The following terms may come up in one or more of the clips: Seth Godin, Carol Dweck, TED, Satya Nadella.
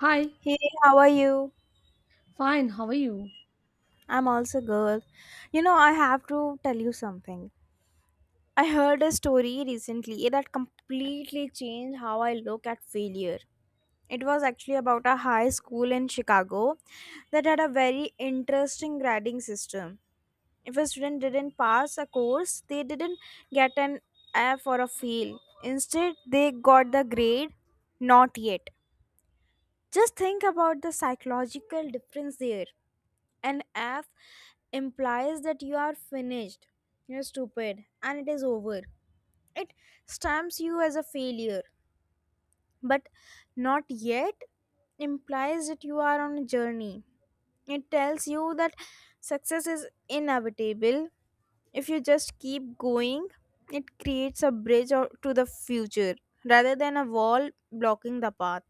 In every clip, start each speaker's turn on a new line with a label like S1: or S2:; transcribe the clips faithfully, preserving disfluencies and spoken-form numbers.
S1: Hi,
S2: Hey, how are you?
S1: fine, how are you?
S2: I'm also good. You know, I have to tell you something. I heard a story recently that completely changed how I look at failure. It was actually about a high school in Chicago that had a very interesting grading system. If a student didn't pass a course, they didn't get an F or a fail. Instead, they got the grade not yet. Just think about the psychological difference there. An F implies that you are finished, you're stupid, and it is over. It stamps you as a failure, but not yet implies that you are on a journey. It tells you that success is inevitable if you just keep going. It creates a bridge or- to the future rather than a wall blocking the path.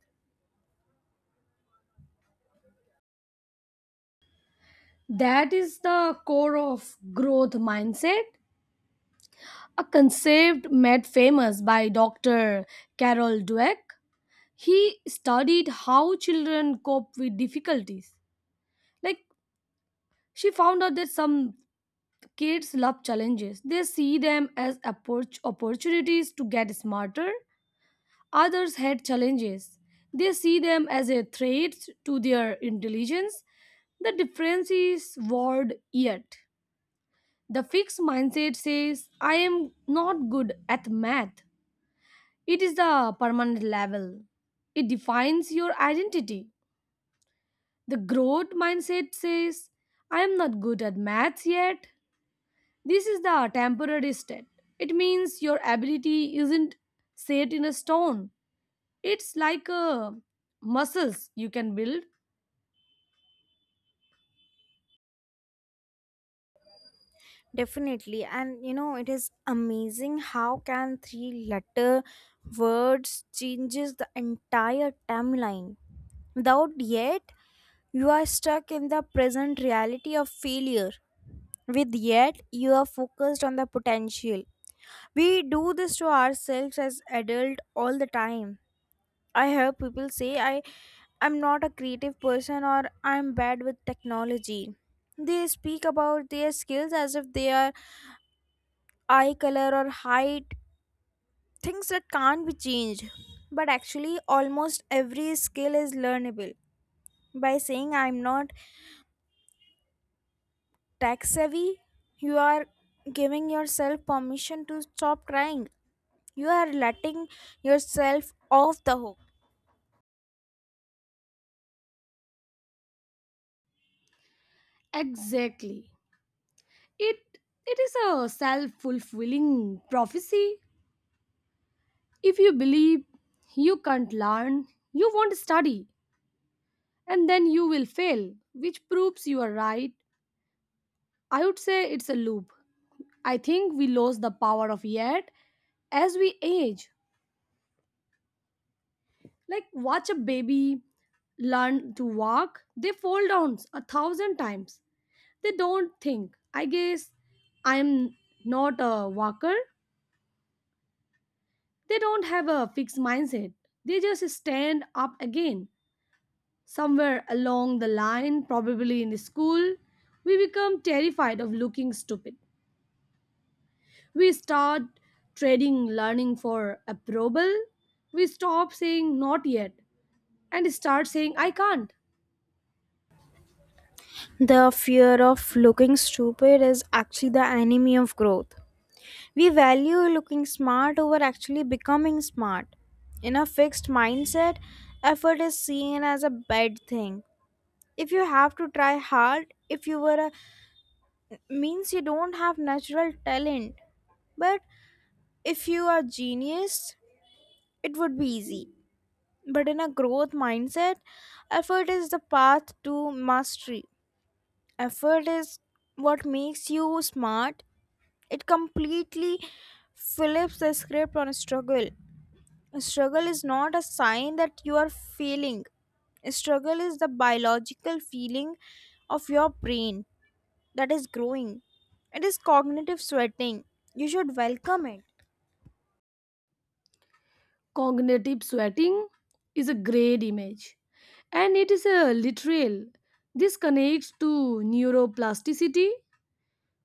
S1: That is the core of growth mindset, a concept made famous by Doctor Carol Dweck. He studied how children cope with difficulties. Like, she found out that some kids love challenges. They see them as appor- opportunities to get smarter. Others hate challenges, they see them as a threat to their intelligence. The difference is word yet. The fixed mindset says, I am not good at math. It is the permanent level. It defines your identity. The growth mindset says, I am not good at maths yet. This is the temporary state. It means your ability isn't set in a stone. It's like a muscles you can build.
S2: Definitely. And you know, it is amazing how can three letter words changes the entire timeline. Without yet, you are stuck in the present reality of failure. With yet, you are focused on the potential. We do this to ourselves as adult all the time. I hear people say I I'm not a creative person, or I'm bad with technology. They speak about their skills as if they are eye color or height, things that can't be changed, but actually almost every skill is learnable. By saying I'm not tech savvy, you are giving yourself permission to stop trying. You are letting yourself off the hook.
S1: Exactly. It it is a self-fulfilling prophecy. If you believe you can't learn, you won't study, and then you will fail, which proves you are right. I would say it's a loop. I think we lose the power of yet as we age. Like, watch a baby learn to walk, they fall down a thousand times. They don't think, I guess I'm not a walker. They don't have a fixed mindset. They just stand up again. Somewhere along the line, probably in school, we become terrified of looking stupid. We start trading learning for approval. We stop saying not yet and start saying I can't.
S2: The fear of looking stupid is actually the enemy of growth. We value looking smart over actually becoming smart. In a fixed mindset, effort is seen as a bad thing. If you have to try hard, if you were a means you don't have natural talent. But if you are genius, it would be easy. But in a growth mindset, effort is the path to mastery. Effort is what makes you smart. It completely flips the script on struggle. Struggle is not a sign that you are failing. Struggle is the biological feeling of your brain that is growing. It is cognitive sweating. You should welcome it.
S1: Cognitive sweating is a great image and it is a literal. This connects to neuroplasticity.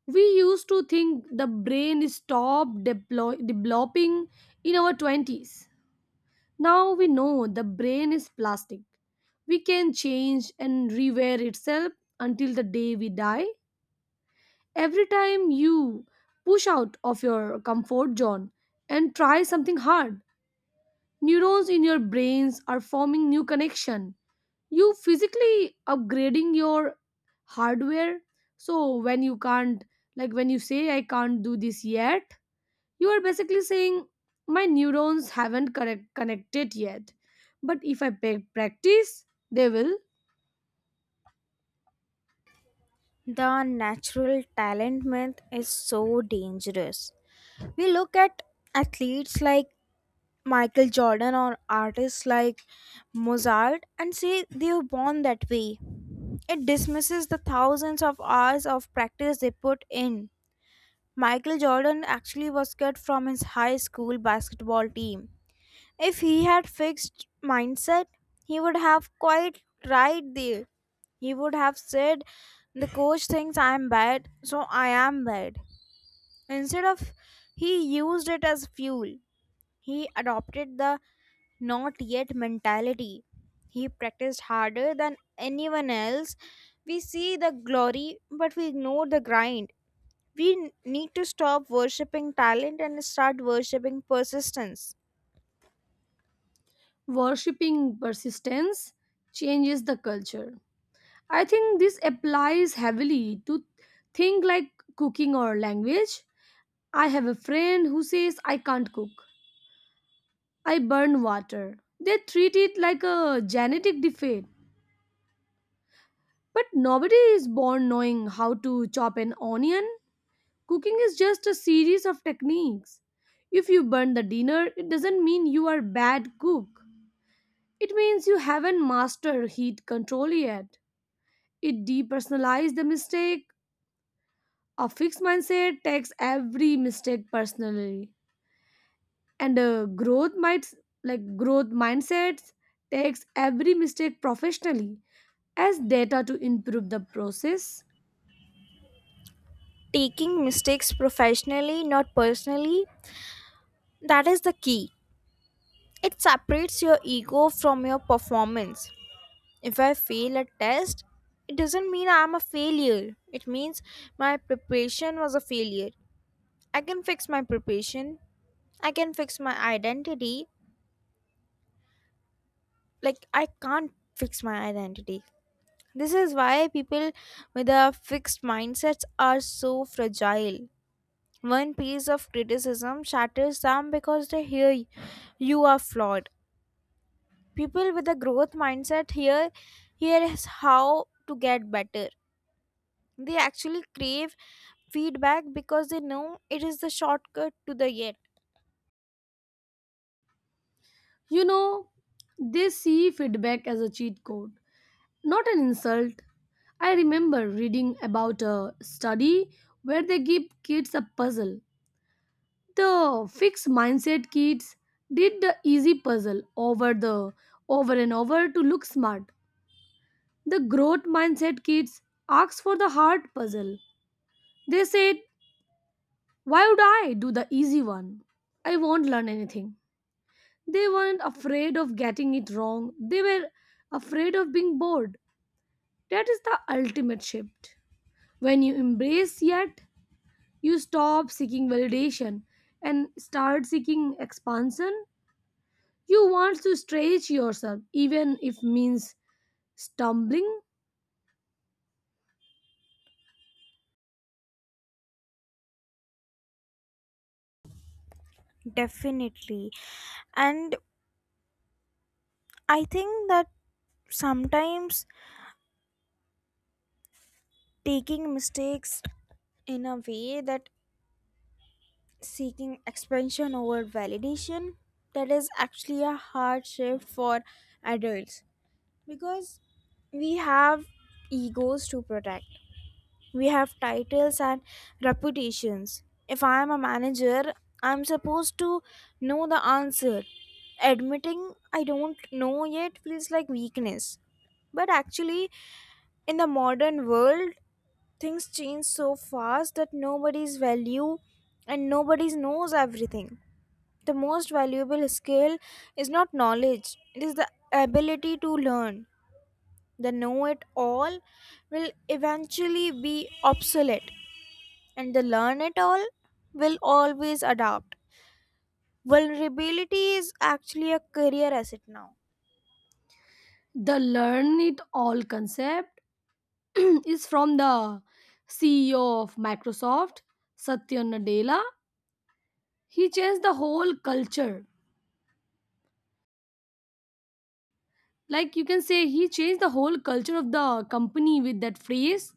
S1: We used to think the brain stopped deplo- developing in our twenties. Now we know the brain is plastic. We can change and rewear itself until the day we die. Every time you push out of your comfort zone and try something hard, neurons in your brains are forming new connection. You physically upgrading your hardware. So when you can't, like when you say I can't do this yet, you are basically saying, my neurons haven't correct- connected yet. But if I pa- practice, they will.
S2: The natural talent myth is so dangerous. We look at athletes like Michael Jordan or artists like Mozart and say they were born that way. It dismisses the thousands of hours of practice they put in. Michael Jordan actually was cut from his high school basketball team. If he had fixed mindset, he would have quite right there. He would have said, "The coach thinks I am bad, so I am bad." Instead of, he used it as fuel. He adopted the not yet mentality. He practiced harder than anyone else. We see the glory, but we ignore the grind. We n- need to stop worshipping talent and start worshipping persistence.
S1: Worshipping persistence changes the culture. I think this applies heavily to things like cooking or language. I have a friend who says, I can't cook. I burn water. They treat it like a genetic defect. But nobody is born knowing how to chop an onion. Cooking is just a series of techniques. If you burn the dinner, it doesn't mean you are bad cook. It means you haven't mastered heat control yet. It depersonalizes the mistake. A fixed mindset takes every mistake personally. And a growth might, like growth mindsets, takes every mistake professionally as data to improve the process.
S2: Taking mistakes professionally, not personally, that is the key. It separates your ego from your performance. If I fail a test, it doesn't mean I'm a failure. It means my preparation was a failure. I can fix my preparation. I can fix my identity. Like, I can't fix my identity. This is why people with a fixed mindsets are so fragile. One piece of criticism shatters them because they hear y- you are flawed. People with a growth mindset hear here is how to get better. They actually crave feedback because they know it is the shortcut to the yet.
S1: You know, they see feedback as a cheat code, not an insult. I remember reading about a study where they give kids a puzzle. The fixed mindset kids did the easy puzzle over the over and over to look smart. The growth mindset kids asked for the hard puzzle. They said, "Why would I do the easy one? I won't learn anything." They weren't afraid of getting it wrong. They were afraid of being bored. That is the ultimate shift. When you embrace yet, you stop seeking validation and start seeking expansion. You want to stretch yourself, even if means stumbling.
S2: Definitely. And I think that sometimes taking mistakes in a way that seeking expansion over validation, that is actually a hard shift for adults, because we have egos to protect. We have titles and reputations. If I am a manager, I'm supposed to know the answer. Admitting I don't know yet feels like weakness. But actually, in the modern world, things change so fast that nobody's value and nobody knows everything. The most valuable skill is not knowledge, it is the ability to learn. The know it all will eventually be obsolete, and the learn it all will always adapt. Vulnerability is actually a career asset now.
S1: The learn it all concept is from the C E O of Microsoft, Satya Nadella. He changed the whole culture. Like you can say, he changed the whole culture of the company with that phrase.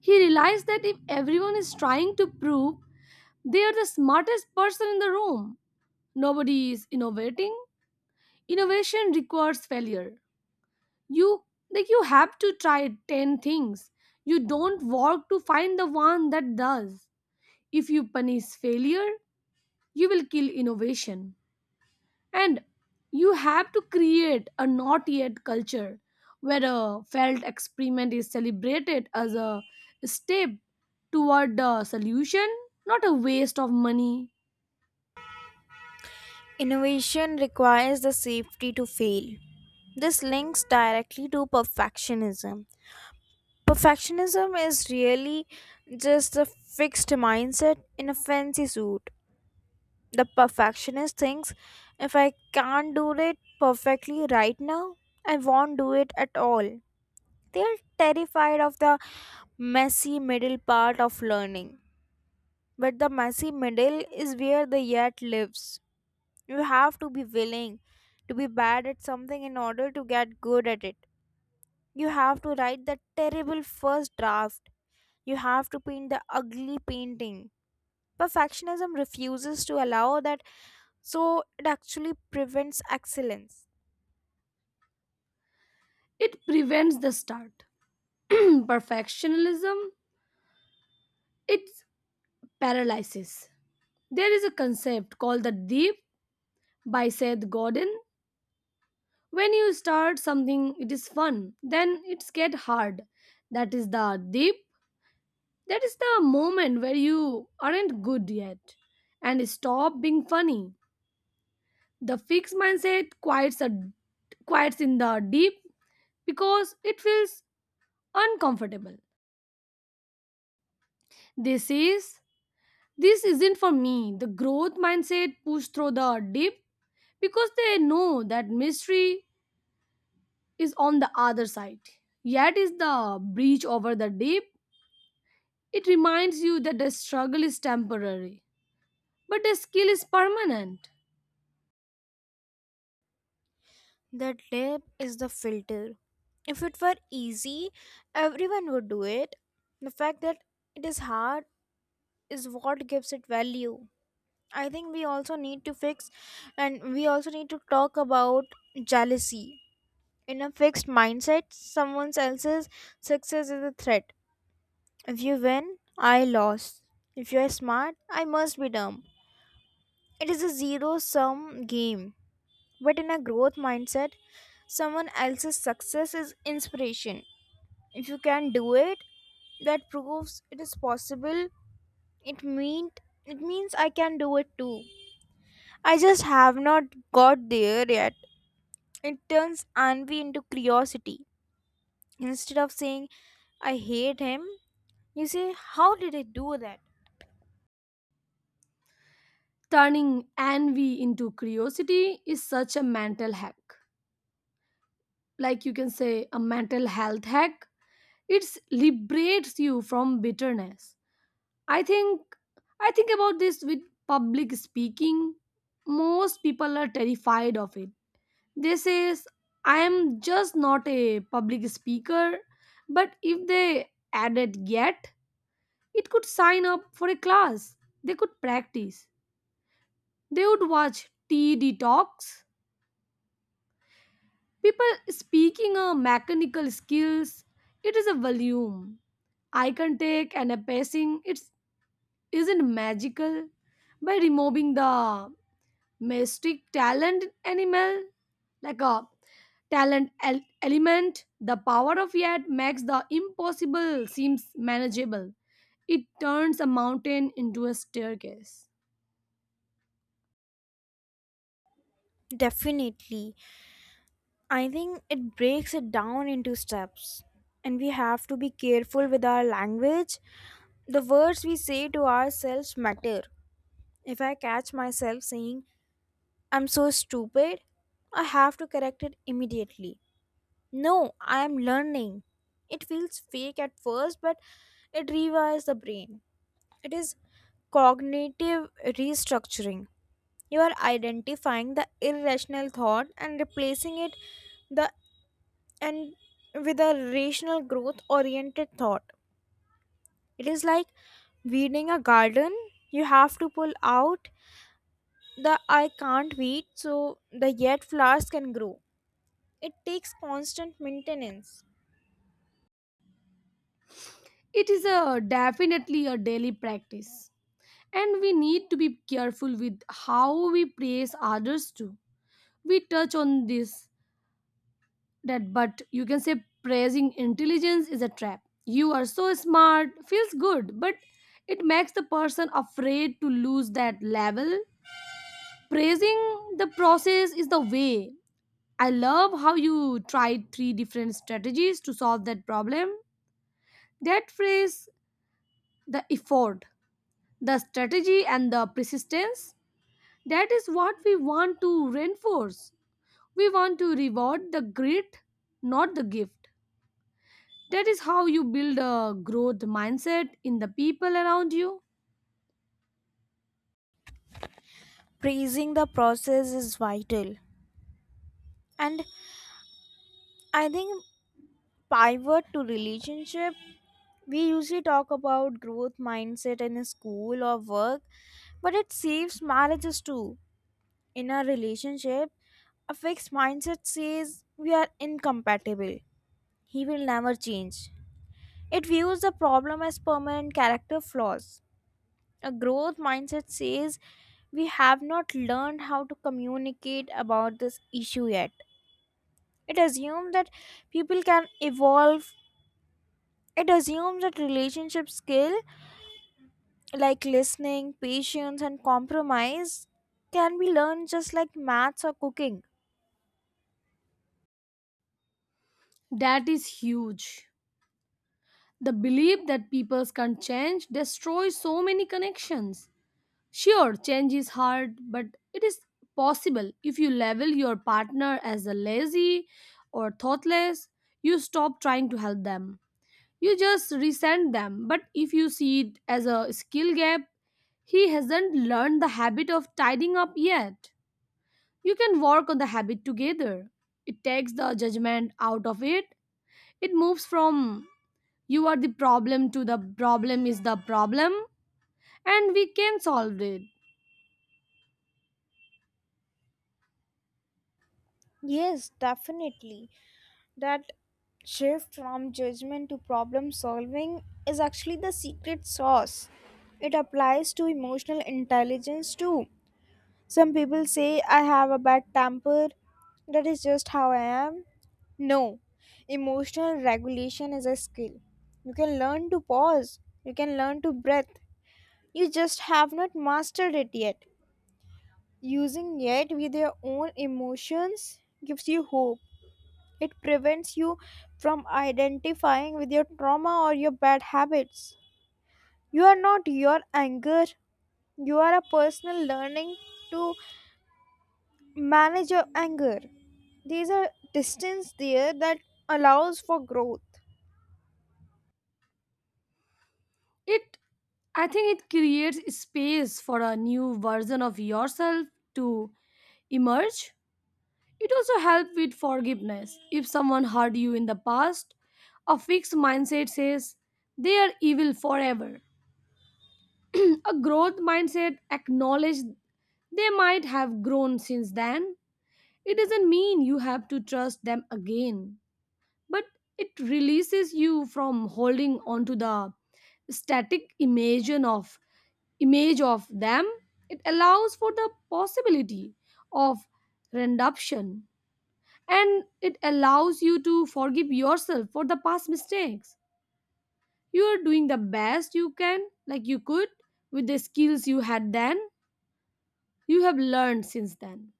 S1: He realized that if everyone is trying to prove they are the smartest person in the room, nobody is innovating. Innovation requires failure. You, like you have to try ten things you don't work to find the one that does. If you punish failure, you will kill innovation, and you have to create a not yet culture where a failed experiment is celebrated as a step toward the solution, not a waste of money.
S2: Innovation requires the safety to fail. This links directly to perfectionism. Perfectionism is really just a fixed mindset in a fancy suit. The perfectionist thinks if I can't do it perfectly right now, I won't do it at all. They're terrified of the messy middle part of learning. But the messy middle is where the yet lives. You have to be willing to be bad at something in order to get good at it. You have to write that terrible first draft. You have to paint the ugly painting. Perfectionism refuses to allow that, so it actually prevents excellence.
S1: It prevents the start. Perfectionism, it paralysis. There is a concept called the deep by Seth Godin. When you start something, it is fun. Then it's get hard. That is the deep. That is the moment where you aren't good yet, and stop being funny. The fixed mindset quiets a quiets in the deep because it feels uncomfortable. This is, this isn't for me. The growth mindset push through the deep because they know that mystery is on the other side. Yet is the breach over the deep. It reminds you that the struggle is temporary, but the skill is permanent.
S2: That lab is the filter. If it were easy, everyone would do it. The fact that it is hard is what gives it value. I think we also need to fix, and we also need to talk about jealousy. In a fixed mindset, someone else's success is a threat. If you win, I lost. If you are smart, I must be dumb. It is a zero sum game. But in a growth mindset, someone else's success is inspiration. If you can do it, that proves it is possible. it mean it means I can do it too, I just have not got there yet. It turns envy into curiosity. Instead of saying I hate him, you say how did I do that.
S1: Turning envy into curiosity is such a mental hack. Like you can say, a mental health hack. It liberates you from bitterness. I think I think about this with public speaking. Most people are terrified of it. They says, I am just not a public speaker, but if they added yet, it could sign up for a class. They could practice. They would watch TED talks. People speaking a mechanical skills. It is a volume. I can take and a pacing. It isn't magical. By removing the mystic talent animal, like a talent el- element, the power of yet makes the impossible seems manageable. It turns a mountain into a staircase.
S2: Definitely. I think it breaks it down into steps, and we have to be careful with our language. The words we say to ourselves matter. If I catch myself saying I'm so stupid, I have to correct it immediately. No, I am learning. It feels fake at first, but it rewires the brain. It is cognitive restructuring. You are identifying the irrational thought and replacing it the and with a rational growth oriented thought. It is like weeding a garden. You have to pull out the I can't weed so the yet flowers can grow. It takes constant maintenance.
S1: It is a definitely a daily practice, and we need to be careful with how we praise others too. We touch on this that, but you can say praising intelligence is a trap. You are so smart feels good, but it makes the person afraid to lose that level. Praising the process is the way. I love how you tried three different strategies to solve that problem. That phrase, the effort, the strategy and the persistence, that is what we want to reinforce. We want to reward the grit, not the gift. That is how you build a growth mindset in the people around you.
S2: Praising the process is vital. And I think pivot to relationship, we usually talk about growth mindset in school or work, but it saves marriages too. In a relationship, a fixed mindset says we are incompatible. He will never change. It views the problem as permanent character flaws. A growth mindset says we have not learned how to communicate about this issue yet. It assumes that people can evolve. It assumes that relationship skill like listening, patience, and compromise can be learned just like maths or cooking.
S1: That is huge. The belief that people can change destroys so many connections. Sure, change is hard, but it is possible. If you label your partner as a lazy or thoughtless, you stop trying to help them. You just resent them. But if you see it as a skill gap, he hasn't learned the habit of tidying up yet. You can work on the habit together. It takes the judgment out of it. It moves from you are the problem to the problem is the problem, and we can solve it.
S2: Yes, definitely. That shift from judgment to problem solving is actually the secret sauce. It applies to emotional intelligence too. Some people say I have a bad temper. That is just how I am. No, emotional regulation is a skill. You can learn to pause, you can learn to breathe. You just have not mastered it yet. Using it with your own emotions gives you hope. It prevents you from identifying with your trauma or your bad habits. You are not your anger, you are a personal learning to manage your anger. There's a distance there that allows for growth.
S1: It I think it creates space for a new version of yourself to emerge. It also helps with forgiveness. If someone hurt you in the past, a fixed mindset says they are evil forever. A growth mindset acknowledges they might have grown since then. It doesn't mean you have to trust them again, but it releases you from holding onto the static imagine of image of them. It allows for the possibility of redemption, and it allows you to forgive yourself for the past mistakes. You are doing the best you can, like you could, with the skills you had then, you have learned since then.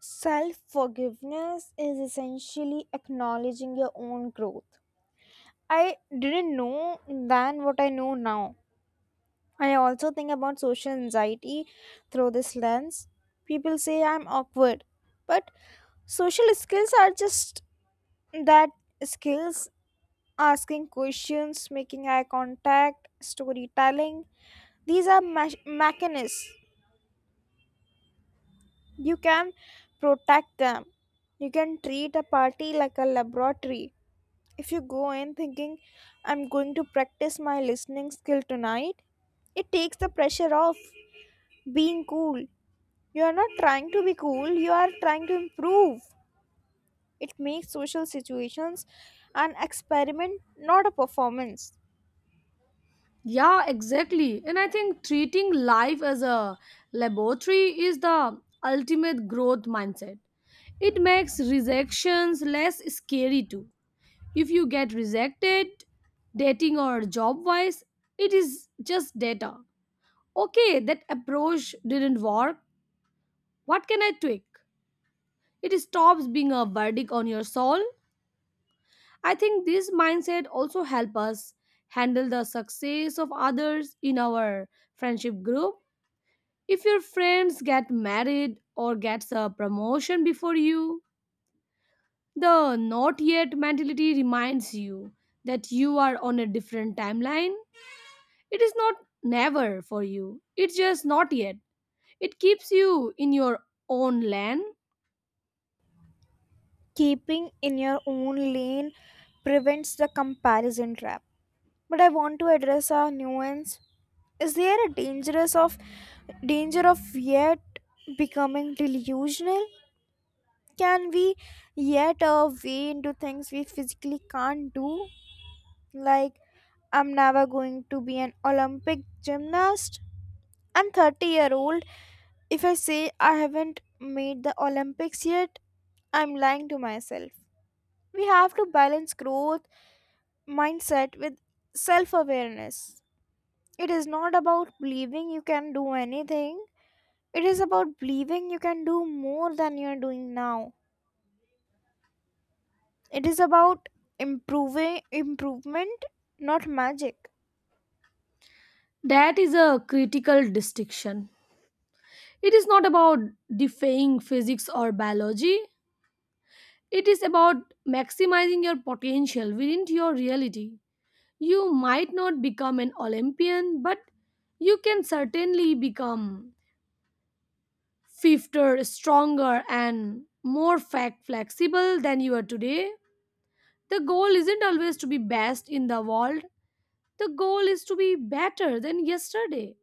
S2: Self forgiveness is essentially acknowledging your own growth. I didn't know then what I know now. I also think about social anxiety through this lens. People say I'm awkward, but social skills are just that, skills. Asking questions, making eye contact, storytelling. These are mach- mechanisms. You can protect them. You can treat a party like a laboratory. If you go in thinking, I'm going to practice my listening skill tonight, it takes the pressure off being cool. You are not trying to be cool, you are trying to improve. It makes social situations an experiment, not a performance.
S1: Yeah, exactly. And I think treating life as a laboratory is the ultimate growth mindset. It makes rejections less scary too. If you get rejected, dating or job wise, it is just data. Okay, that approach didn't work. What can I tweak? It stops being a verdict on your soul. I think this mindset also help us handle the success of others in our friendship group. If your friends get married or gets a promotion before you, the not yet mentality reminds you that you are on a different timeline. It is not never for you. It's just not yet. It keeps you in your own land.
S2: Keeping in your own lane prevents the comparison trap. But I want to address a nuance. Is there a dangerous of danger of yet becoming delusional? Can we yet uh, way into things we physically can't do? Like, I'm never going to be an olympic gymnast. I'm thirty year old. If I say I haven't made the olympics yet, I'm lying to myself. We have to balance growth mindset with self awareness. It is not about believing you can do anything, it is about believing you can do more than you are doing now. It is about improving improvement, not magic.
S1: That is a critical distinction. It is not about defying physics or biology. It is about maximizing your potential within your reality. You might not become an Olympian, but you can certainly become swifter, stronger, and more fact flexible than you are today. The goal isn't always to be best in the world, the goal is to be better than yesterday.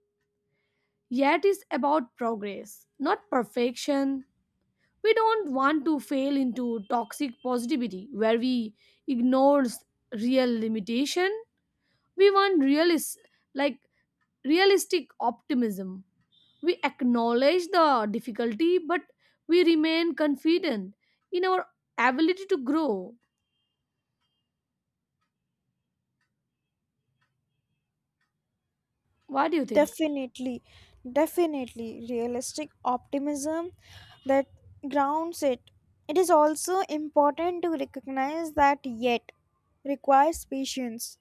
S1: Yet it's about progress, not perfection. We don't want to fail into toxic positivity where we ignore real limitation. We want realis- like realistic optimism. We acknowledge the difficulty, but we remain confident in our ability to grow. What do you think?
S2: Definitely, definitely realistic optimism, that grounds it. It is also important to recognize that yet requires patience.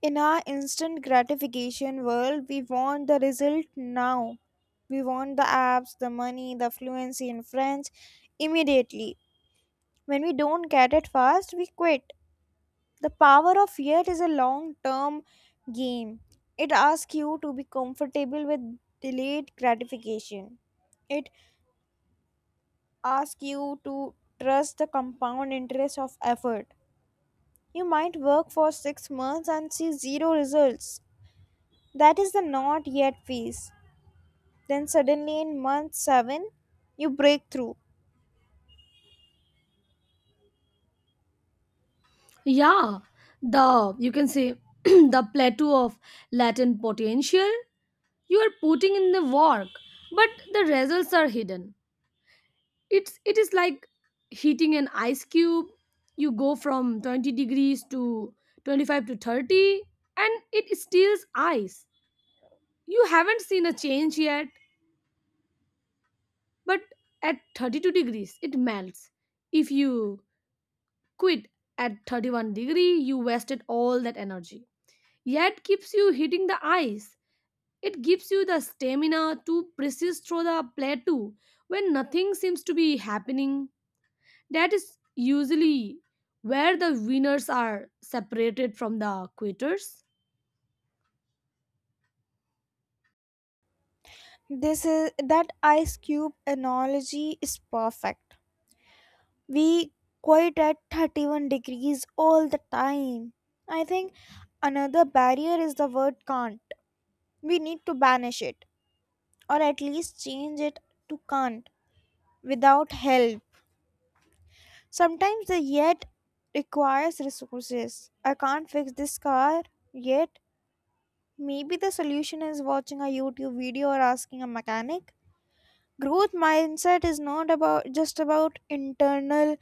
S2: In our instant gratification world, we want the result now. We want the apps, the money, the fluency in French immediately. When we don't get it fast, we quit. The power of fear is a long term game. It asks you to be comfortable with delayed gratification, it asks you to trust the compound interest of effort. You might work for six months and see zero results. That is the not yet phase. Then suddenly in month seven, you break through.
S1: Yeah, the you can say the plateau of latent potential. You are putting in the work, but the results are hidden. It's it is like heating an ice cube. You go from twenty degrees to twenty-five to thirty, and it steals ice. You haven't seen a change yet, but at thirty-two degrees it melts. If you quit at thirty-one degree, you wasted all that energy. Yet keeps you hitting the ice. It gives you the stamina to persist through the plateau when nothing seems to be happening. That is usually where the winners are separated from the quitters.
S2: This is that ice cube analogy is perfect. We quite at thirty-one degrees all the time. I think another barrier is the word can't. We need to banish it or at least change it to can't without help. Sometimes the yet requires resources. I can't fix this car yet. Maybe the solution is watching a YouTube video or asking a mechanic. Growth mindset is not about just about internal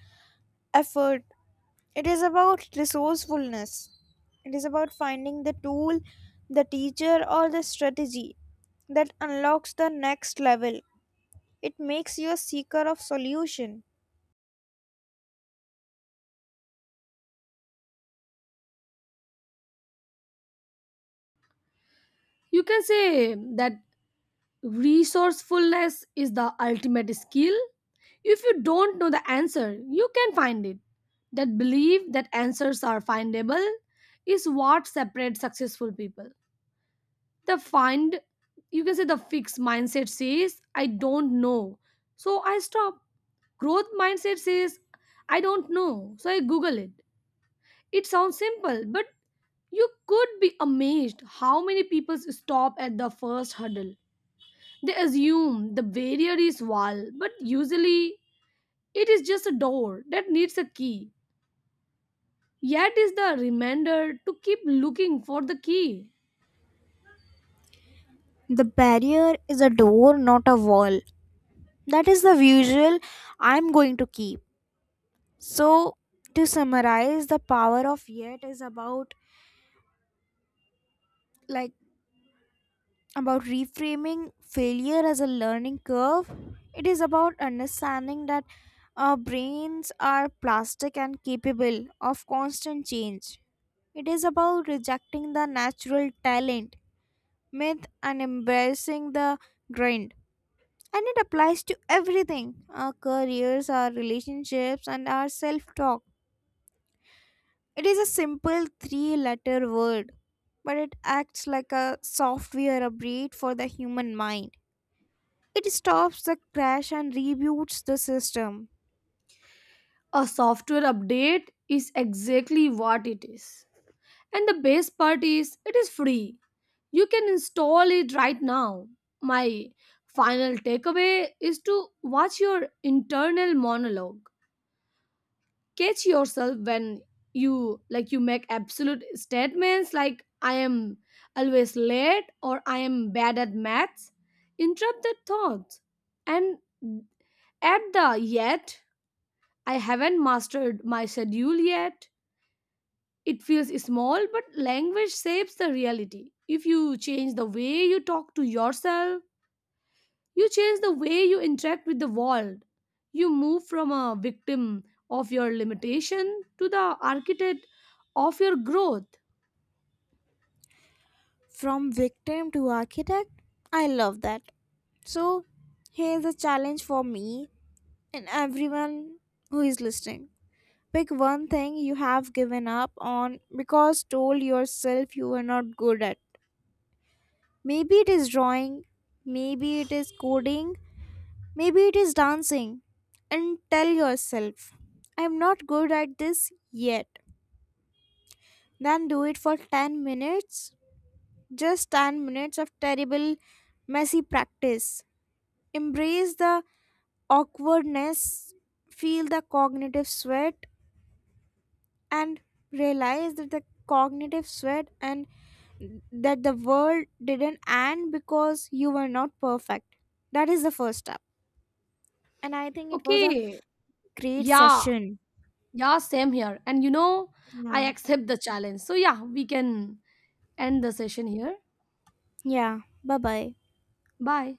S2: effort. It is about resourcefulness. It is about finding the tool, the teacher or the strategy that unlocks the next level. It makes you a seeker of solution.
S1: You can say that resourcefulness is the ultimate skill. If you don't know the answer, you can find it. That belief that answers are findable is what separates successful people. The find, you can say the fixed mindset says, I don't know, so I stop. Growth mindset says, I don't know, so I Google it. It sounds simple, but you could be amazed how many people stop at the first hurdle. They assume the barrier is wall, but usually it is just a door that needs a key. Yet is the reminder to keep looking for the key.
S2: The barrier is a door, not a wall. That is the visual I'm going to keep. So, to summarize, the power of yet is about, like, about reframing failure as a learning curve. It is about understanding that our brains are plastic and capable of constant change. It is about rejecting the natural talent myth and embracing the grind. And it applies to everything, our careers, our relationships, and our self talk. It is a simple three letter word, but it acts like a software upgrade for the human mind. It stops the crash and reboots the system.
S1: A software update is exactly what it is. And the best part is it is free. You can install it right now. My final takeaway is to watch your internal monologue. Catch yourself when you, like you make absolute statements like I am always late or I am bad at maths. Interrupt the thoughts, and at the yet, I haven't mastered my schedule yet. It feels small, but language shapes the reality. If you change the way you talk to yourself, you change the way you interact with the world. You move from a victim of your limitation to the architect of your growth.
S2: From victim to architect. I love that. So, here's a challenge for me and everyone who is listening. Pick one thing you have given up on because told yourself you were not good at. Maybe it is drawing, maybe it is coding, maybe it is dancing. And tell yourself, I'm not good at this yet. Then do it for ten minutes. Just ten minutes of terrible, messy practice. Embrace the awkwardness, feel the cognitive sweat, and realize that the cognitive sweat and that the world didn't end because you were not perfect. That is the first step. And I think it was a
S1: Okay,
S2: great
S1: yeah,
S2: session.
S1: yeah, same here. And you know, I
S2: Yeah.
S1: accept the challenge. So, yeah, we can end the session here.
S2: Yeah. Bye bye.
S1: Bye.